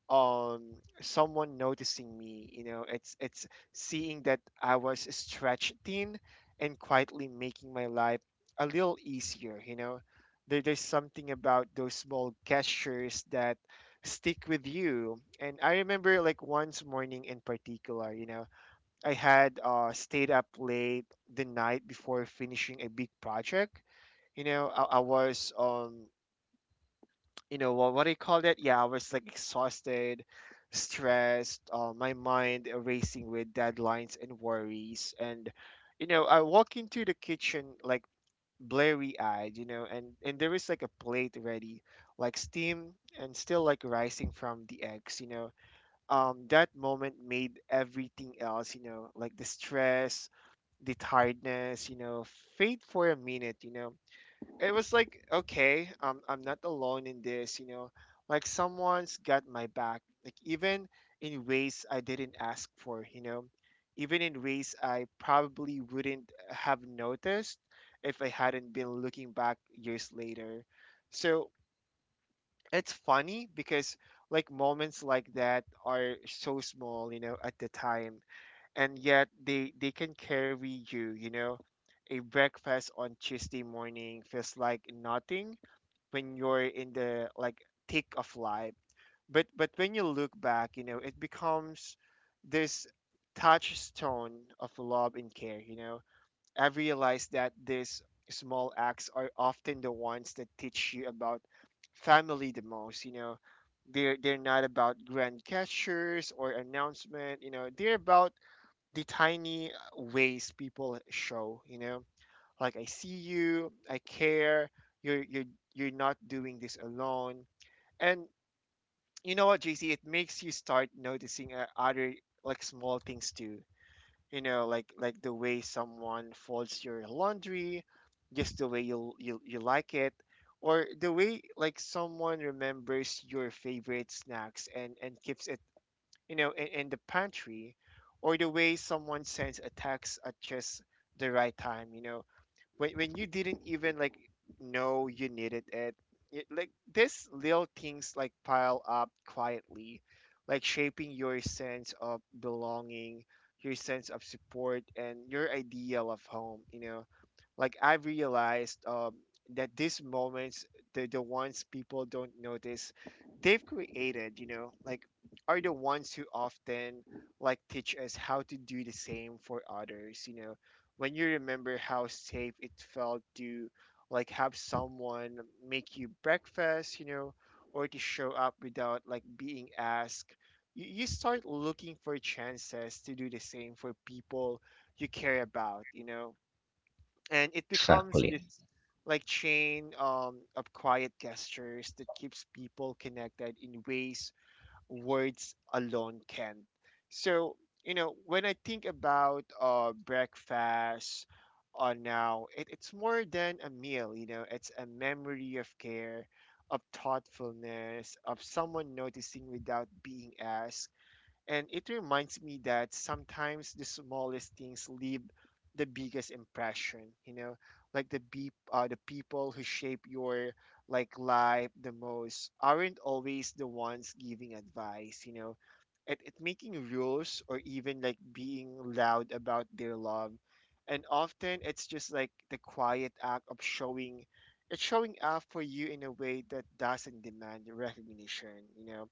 A: um someone noticing me, you know. It's seeing that I was stretched thin and quietly making my life a little easier, you know. There's something about those small gestures that stick with you. And I remember like once morning in particular, you know, I had stayed up late the night before finishing a big project, you know. I was, you know what, do you call that, yeah, I was like exhausted, stressed, my mind racing with deadlines and worries. And you know, I walk into the kitchen like blurry eyed, you know, and there is like a plate ready, like steam and still like rising from the eggs, you know. That moment made everything else, you know, like the stress, the tiredness, you know, fade for a minute, you know. It was like, okay, I'm not alone in this, you know, like someone's got my back, like even in ways I didn't ask for, you know, even in ways I probably wouldn't have noticed if I hadn't been looking back years later. So it's funny because like moments like that are so small, you know, at the time, and yet they can carry you, you know. A breakfast on Tuesday morning feels like nothing when you're in the like thick of life. But when you look back, you know, it becomes this touchstone of love and care, you know. I realized that these small acts are often the ones that teach you about family the most, you know. They're not about grand gestures or announcement, you know. They're about the tiny ways people show, you know, like, I see you, I care. You're you're not doing this alone. And you know what, JC? It makes you start noticing, other like small things too. You know, like the way someone folds your laundry, just the way you you like it, or the way like someone remembers your favorite snacks and keeps it, you know, in, the pantry, or the way someone sends a text at just the right time. You know, when you didn't even like know you needed it, it like these little things like pile up quietly, like shaping your sense of belonging, your sense of support, and your ideal of home. You know, like I realized, that these moments, the ones people don't notice they've created, you know, like are the ones who often like teach us how to do the same for others, you know. When you remember how safe it felt to like have someone make you breakfast, you know, or to show up without like being asked, you start looking for chances to do the same for people you care about, you know. And it becomes
B: Exactly.
A: this like chain, of quiet gestures that keeps people connected in ways words alone can. So, you know, when I think about, breakfast, now it's more than a meal, you know. It's a memory of care, of thoughtfulness, of someone noticing without being asked. And it reminds me that sometimes the smallest things leave the biggest impression, you know, like the beep, the people who shape your like life the most aren't always the ones giving advice, you know. It making rules or even like being loud about their love. And often it's just like the quiet act of showing, it's showing up for you in a way that doesn't demand recognition, you know.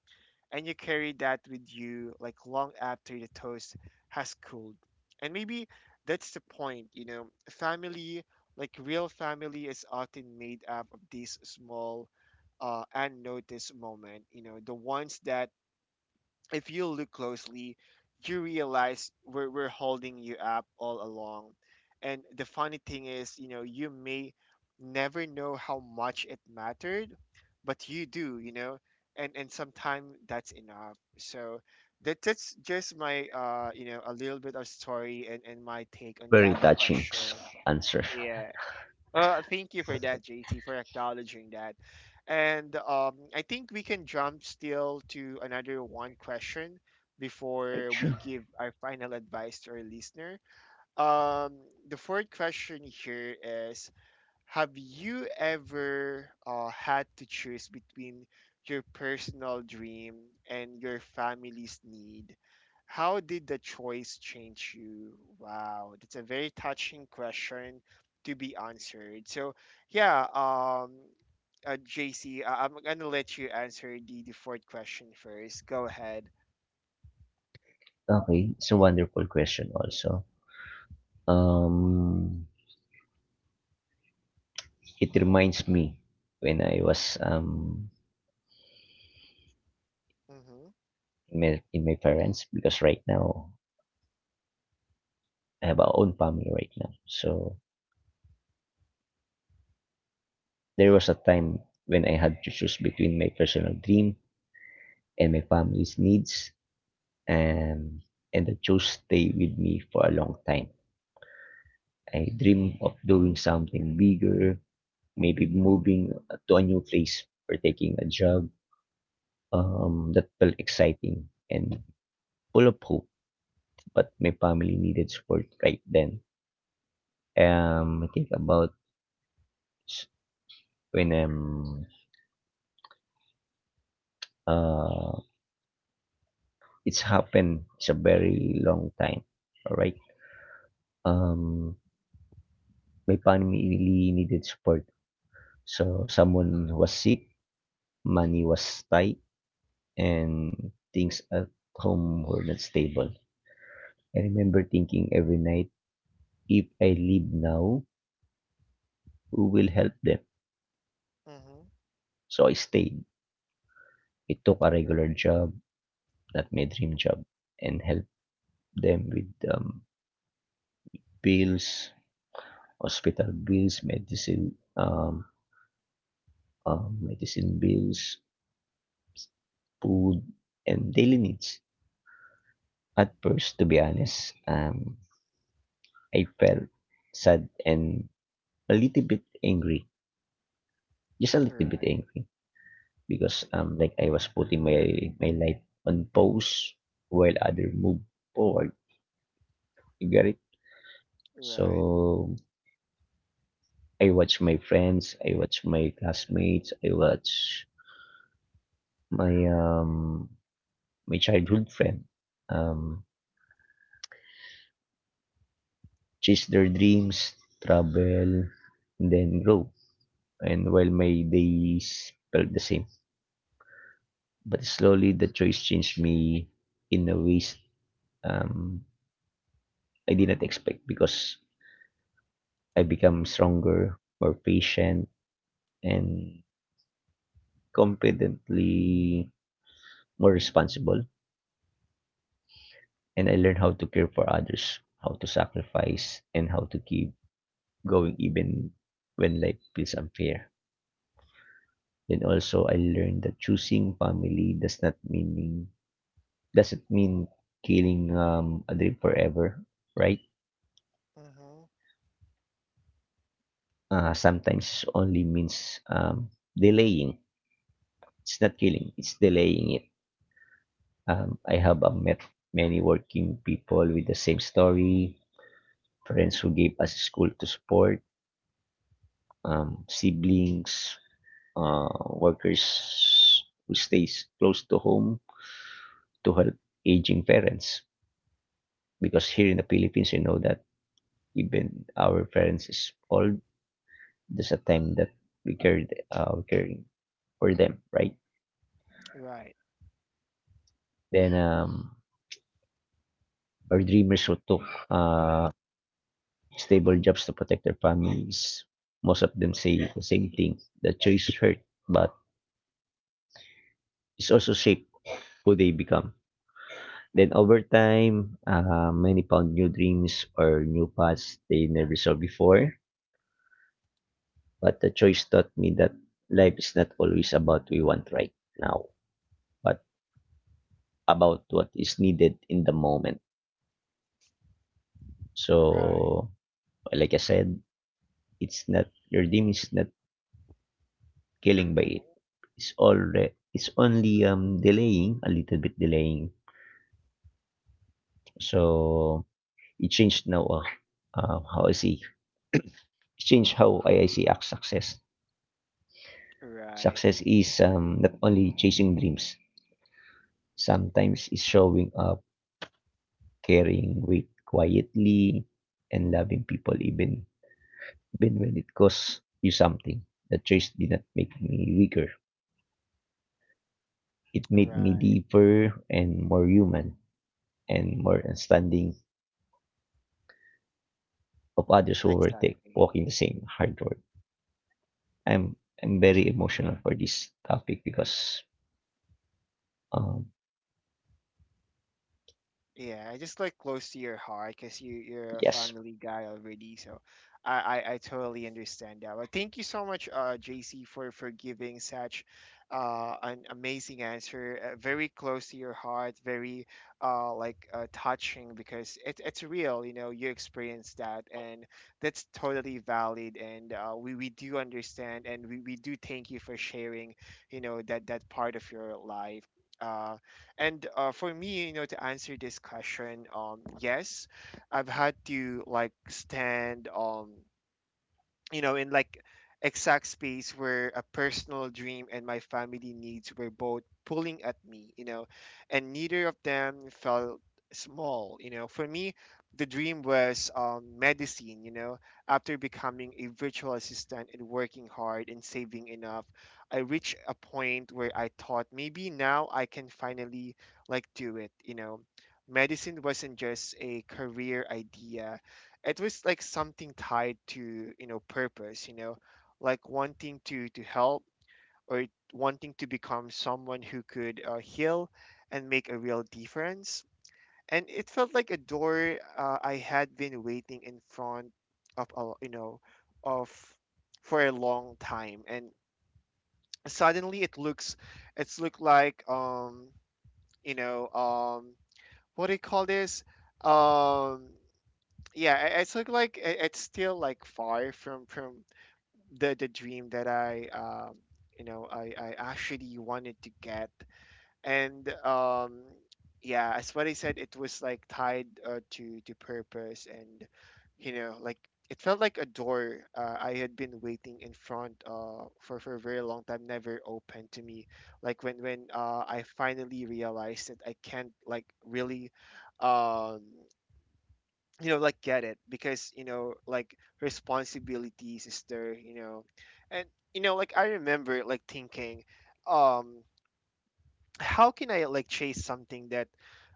A: And you carry that with you like long after the toast has cooled. And maybe that's the point, you know. Family, like real family is often made up of these small, unnoticed moment, you know, the ones that, if you look closely, you realize we're holding you up all along. And the funny thing is, you know, you may never know how much it mattered, but you do, you know. And sometimes that's enough. So that's just my, you know, a little bit of story and my take on
B: Very
A: that
B: touching
A: question.
B: answer.
A: Yeah. Thank you for that, JC, for acknowledging that. And I think we can jump still to another one question
B: Right,
A: before we
B: sure.
A: give our final advice to our listener. Um, the fourth question here is, have you ever had to choose between your personal dream and your family's need? How did the choice change you? Wow, that's a very touching question to be answered. So, yeah, JC, am gonna let you answer the fourth question first. Go ahead.
B: Okay, it's a wonderful question also. Um, it reminds me when I was
A: Mm-hmm.
B: in my parents, because right now I have our own family right now. So there was
A: Mm-hmm.
B: a time when I had to choose between my personal dream and my family's needs, and and I chose stay with me for a long time. I dream of doing something bigger, maybe moving to a new place or taking a job that felt exciting and full of hope. But my family needed support right then. I think about s- when uh it's happened. It's a very long time. All right. Um, my family really needed support. So someone was sick, money was tight, and things at home were not stable. I remember thinking every night, if I leave now, who will help them?
A: Mm-hmm.
B: So I stayed. I took a regular
A: Right.
B: job, not my dream job, and helped them with bills, hospital bills, medicine, medicine bills, food, and daily needs. At first, to be honest, I felt sad and a little bit angry, just a little bit
A: Right.
B: angry because like I was putting my life on pause while other move forward. You get it?
A: Right.
B: So I watch my friends, I watch my classmates, I watch my um my childhood friend um chase their dreams, travel, and then grow. And while my days felt the same, but slowly the choice changed me in a ways um I did not expect, because I become stronger, more patient, and competently more responsible. And I learn how to care for others, how to sacrifice, and how to keep going even when life feels unfair. Then also I learned that choosing family does not meaning doesn't mean killing a dream forever, right?
A: Mm-hmm.
B: Sometimes only means delaying. It's not killing. It's delaying it. I have met many working people with the same story, friends who gave us school to support, siblings, uh, workers who stays close to home to help aging parents. Because here in the Philippines, you know that even our parents is old, there's a time that we caring for them, right?
A: Right.
B: Then our dreamers who took uh, stable jobs to protect their families. Most of them say the same thing. The choice hurt, but it's also shaped who they become. Then over time, many found new dreams or new paths they never saw before. But the choice taught me that life is not always about what we want right now, but about what is needed in the moment.
A: Right.
B: So, like I said, it's not your dream is not killing by it. It's only delaying, a little bit delaying. So it changed now how I see. It changed how I see success.
A: Right.
B: Success is not only chasing dreams. Sometimes it's showing up, caring weight quietly, and loving people even when it costs you something. The chase did not make me weaker. It made me
A: Right.
B: deeper and more human and more understanding of others who were take,
A: Exactly.
B: walking the same hard road. I'm I'm very emotional for this topic because um,
A: Yeah, just like close to your heart because you're a
B: yes.
A: family guy already, so I totally understand that. But thank you so much, JC, for giving such an amazing answer, very close to your heart, very touching because it's real, you know, you experience that, and that's totally valid, and we do understand, and we do thank you for sharing, you know, that part of your life. Uh, And for me, you know, to answer this question, yes, I've had to like stand. You know, in like exact space where a personal dream and my family needs were both pulling at me, you know, and neither of them felt small, you know. For me, the dream was medicine, you know. After becoming a virtual assistant and working hard and saving enough, I reached a point where I thought maybe now I can finally like do it, you know. Medicine wasn't just a career idea, it was like something tied to, you know, purpose, you know, like wanting to help, or wanting to become someone who could heal and make a real difference. And it felt like a door I had been waiting in front of a, you know, of, for a long time, and suddenly it's looked like, you know, what do you call this, um yeah, it's like, it's still like far from the dream that I, you know, I actually wanted to get. And yeah, as what I said, it was like tied, to purpose, and you know like it felt like a door I had been waiting in front for a very long time, never opened to me. Like when I finally realized that I can't like really, um you know, like get it, because you know like responsibilities is there, you know. And you know like I remember like thinking, um how can I like chase something that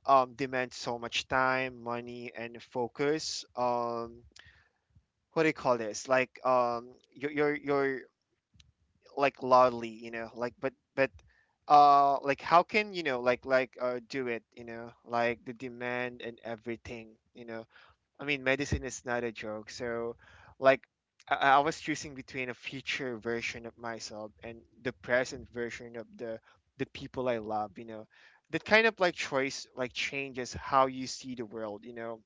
A: demands so much time, money and focus, what do you call this, like, you're like loudly, you know, like, but like, how can, you know, like do it, you know, like the demand and everything, you know. I mean, medicine is not a joke. So, like, I was choosing between a future version of myself and the present version of the people I love. You know, that kind of like choice like changes how you see the world. You know,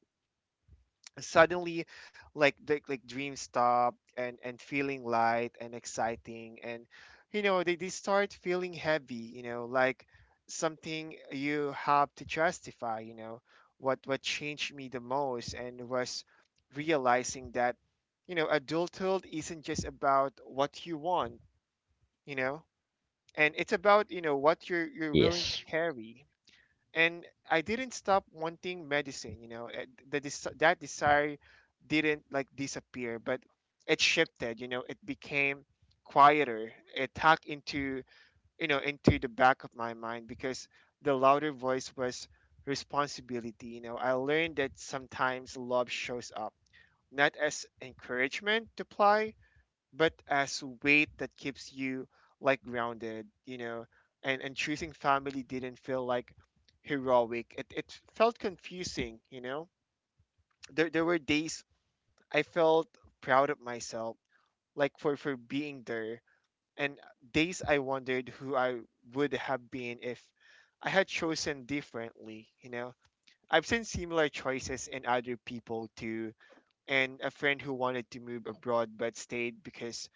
A: suddenly like dreams stop and feeling light and exciting, and you know they start feeling heavy, you know, like something you have to justify, you know. What changed me the most and was realizing that, you know, adulthood isn't just about what you want, you know, and it's about, you know, what you're willing to
B: Yes.
A: carry. And I didn't stop wanting medicine. You know, that desire didn't like disappear, but it shifted. You know, it became quieter. It tucked into, you know, into the back of my mind, because the louder voice was responsibility. You know, I learned that sometimes love shows up not as encouragement to play but as weight that keeps you like grounded, you know, and choosing family didn't feel like heroic. It felt confusing, you know. There were days I felt proud of myself, like for being there, and days I wondered who I would have been if I had chosen differently, you know. I've seen similar choices in other people too, and a friend who wanted to move abroad but stayed because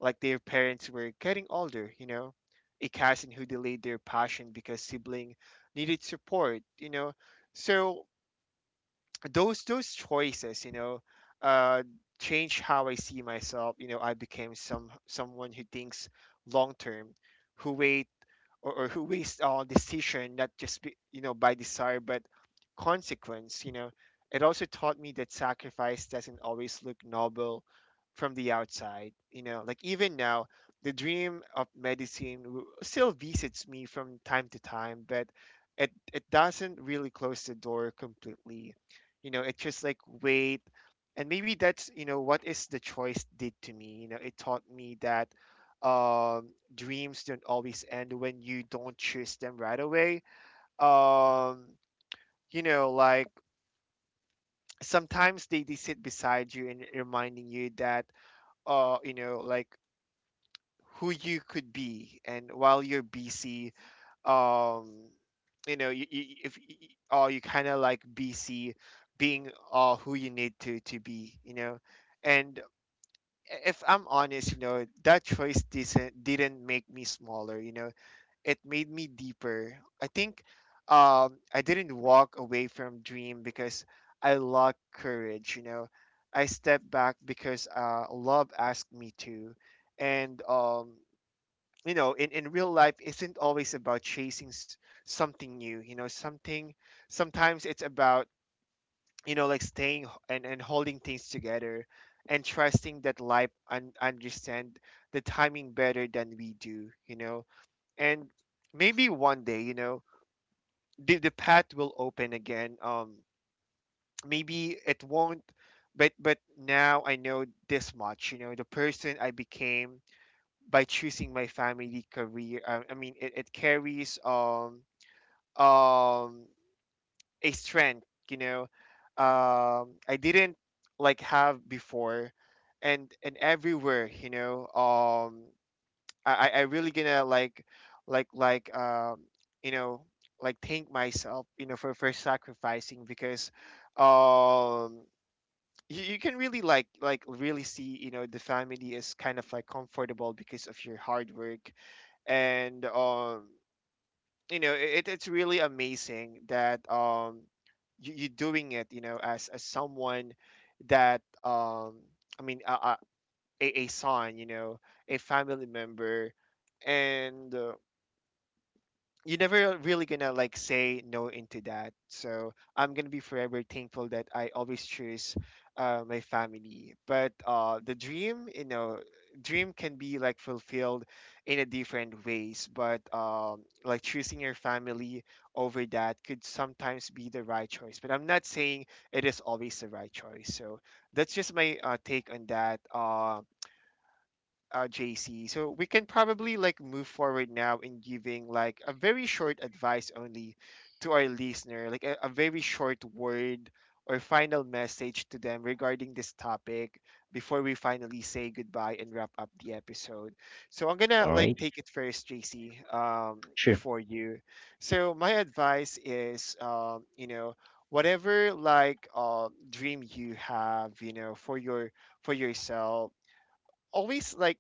A: like their parents were getting older, you know, a cousin who delayed their passion because sibling needed support, you know. So those choices, you know, uh change how I see myself, you know. I became someone who thinks long term, who wait, or who waits on decision, not just you know, by desire but consequence, you know. It also taught me that sacrifice doesn't always look noble from the outside, you know. Like even now, the dream of medicine still visits me from time to time, but it doesn't really close the door completely, you know. It just like wait. And maybe that's, you know, what is the choice did to me, you know. It taught me that dreams don't always end when you don't choose them right away. um you know, like sometimes they sit beside you and reminding you that, you know, like who you could be. And while you're busy, um you know, you if y- y- or you kind of like bc being who you need to be, you know. And if I'm honest, you know, that choice didn't make me smaller, you know. It made me deeper, I think. I didn't walk away from dream because I lacked courage, you know. I stepped back because love asked me to. And you know, in real life isn't always about chasing something new, you know. Something, sometimes it's about, you know, like staying and holding things together, and trusting that life understand the timing better than we do, you know. And maybe one day, you know, the path will open again. Maybe it won't, but now I know this much, you know. The person I became by choosing my family career, I mean, it carries, um a strength, you know, I didn't like have before. And everywhere, you know, I really gonna like, like like um you know, like thank myself, you know, for sacrificing, because um you can really like, really see, you know, the family is kind of like comfortable because of your hard work. And you know, it's really amazing that, you're doing it, you know, as someone that, I mean a son, you know, a family member. And you're never really gonna like say no into that. So I'm gonna be forever thankful that I always choose my family. But the dream, you know, dream can be like fulfilled in a different ways. But like choosing your family over that could sometimes be the right choice. But I'm not saying it is always the right choice. So that's just my take on that. JC. So we can probably like move forward now in giving like a very short advice only to our listener, like a very short word or final message to them regarding this topic before we finally say goodbye and wrap up the episode. So I'm gonna
B: All
A: like
B: right.
A: take it first, JC,
B: Sure.
A: before you. So my advice is, you know, whatever like dream you have, you know, for your for yourself, always like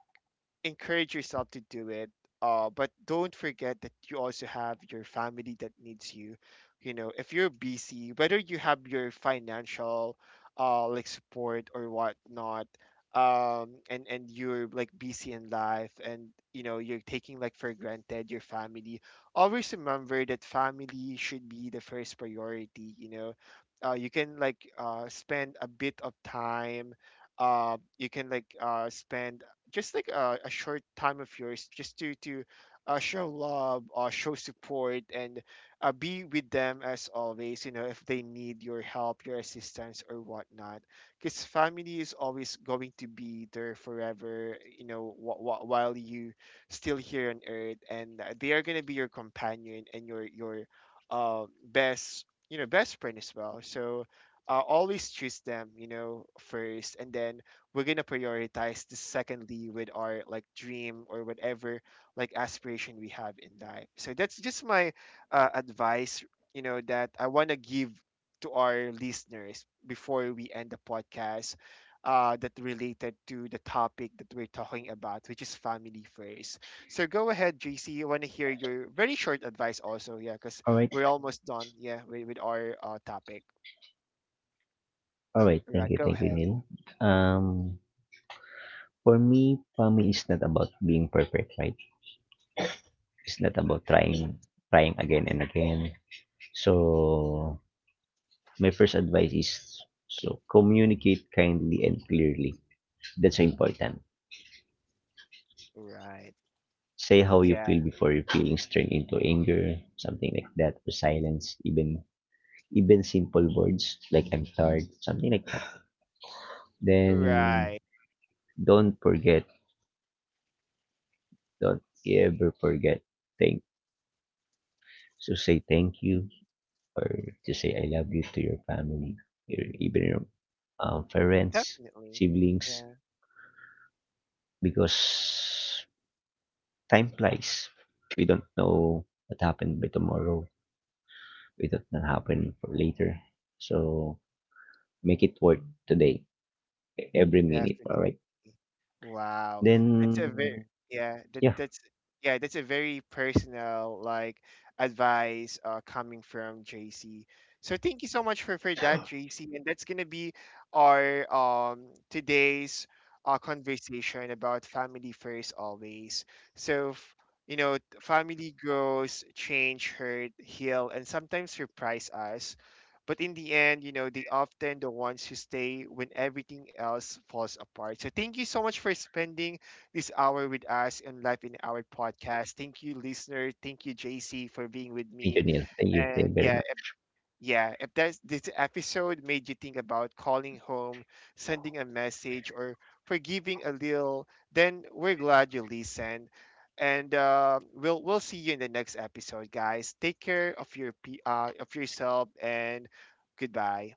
A: encourage yourself to do it. But don't forget that you also have your family that needs you. You know, if you're busy, whether you have your financial like support or whatnot, and you're like busy in life, and you know you're taking like for granted your family. Always remember that family should be the first priority. You know, you can like spend a bit of time you can like spend just like a short time of yours just to show love, show support, and be with them as always, you know, if they need your help, your assistance or whatnot, because family is always going to be there forever, you know, while you still here on earth, and they are going to be your companion and your best, you know, best friend as well. So always choose them, you know, first, and then we're gonna prioritize the secondly with our like dream or whatever like aspiration we have in life. So that's just my advice, you know, that I want to give to our listeners before we end the podcast, that related to the topic that we're talking about, which is family first. So go ahead, JC. I want to hear your very short advice also. Yeah, because
B: All right.
A: we're almost done. Yeah, with our topic.
B: All right. Thank
A: Right,
B: you.
A: go
B: Thank you,
A: ahead.
B: Neil. Um, for me, family is not about being perfect, right? It's not about trying again and again. So my first advice is communicate kindly and clearly. That's so important.
A: Right.
B: Say how you
A: Yeah.
B: feel before your feelings turn into anger, something like that, or silence, even simple words like I'm tired, something like that. Then
A: Right.
B: don't forget Don't ever forget thank to say thank you or to say I love you to your family, your even your parents,
A: Definitely.
B: siblings,
A: Yeah,
B: because time flies. We don't know what happened by tomorrow. We don't know what happened for later. So make it worth today, every minute.
A: definitely.
B: All right.
A: Wow. That's a very
B: Then
A: Yeah, that
B: yeah,
A: that's yeah, that's a very personal like advice coming from JC. So thank you so much for that, JC. And that's gonna be our today's conversation about family first, always. So f- you know, family grows, change, hurt, heal, and sometimes surprise us. But in the end, you know, they often the ones who stay when everything else falls apart. So thank you so much for spending this hour with us on Life in Our podcast. Thank you, listener. Thank you, JC, for being with
B: thank you,
A: me.
B: Neil. Thank you. Thank you
A: And
B: very
A: yeah,
B: much.
A: yeah, if that's, this episode made you think about calling home, sending a message, or forgiving a little, then we're glad you listened. And we'll see you in the next episode, guys. Take care of your of yourself, and goodbye.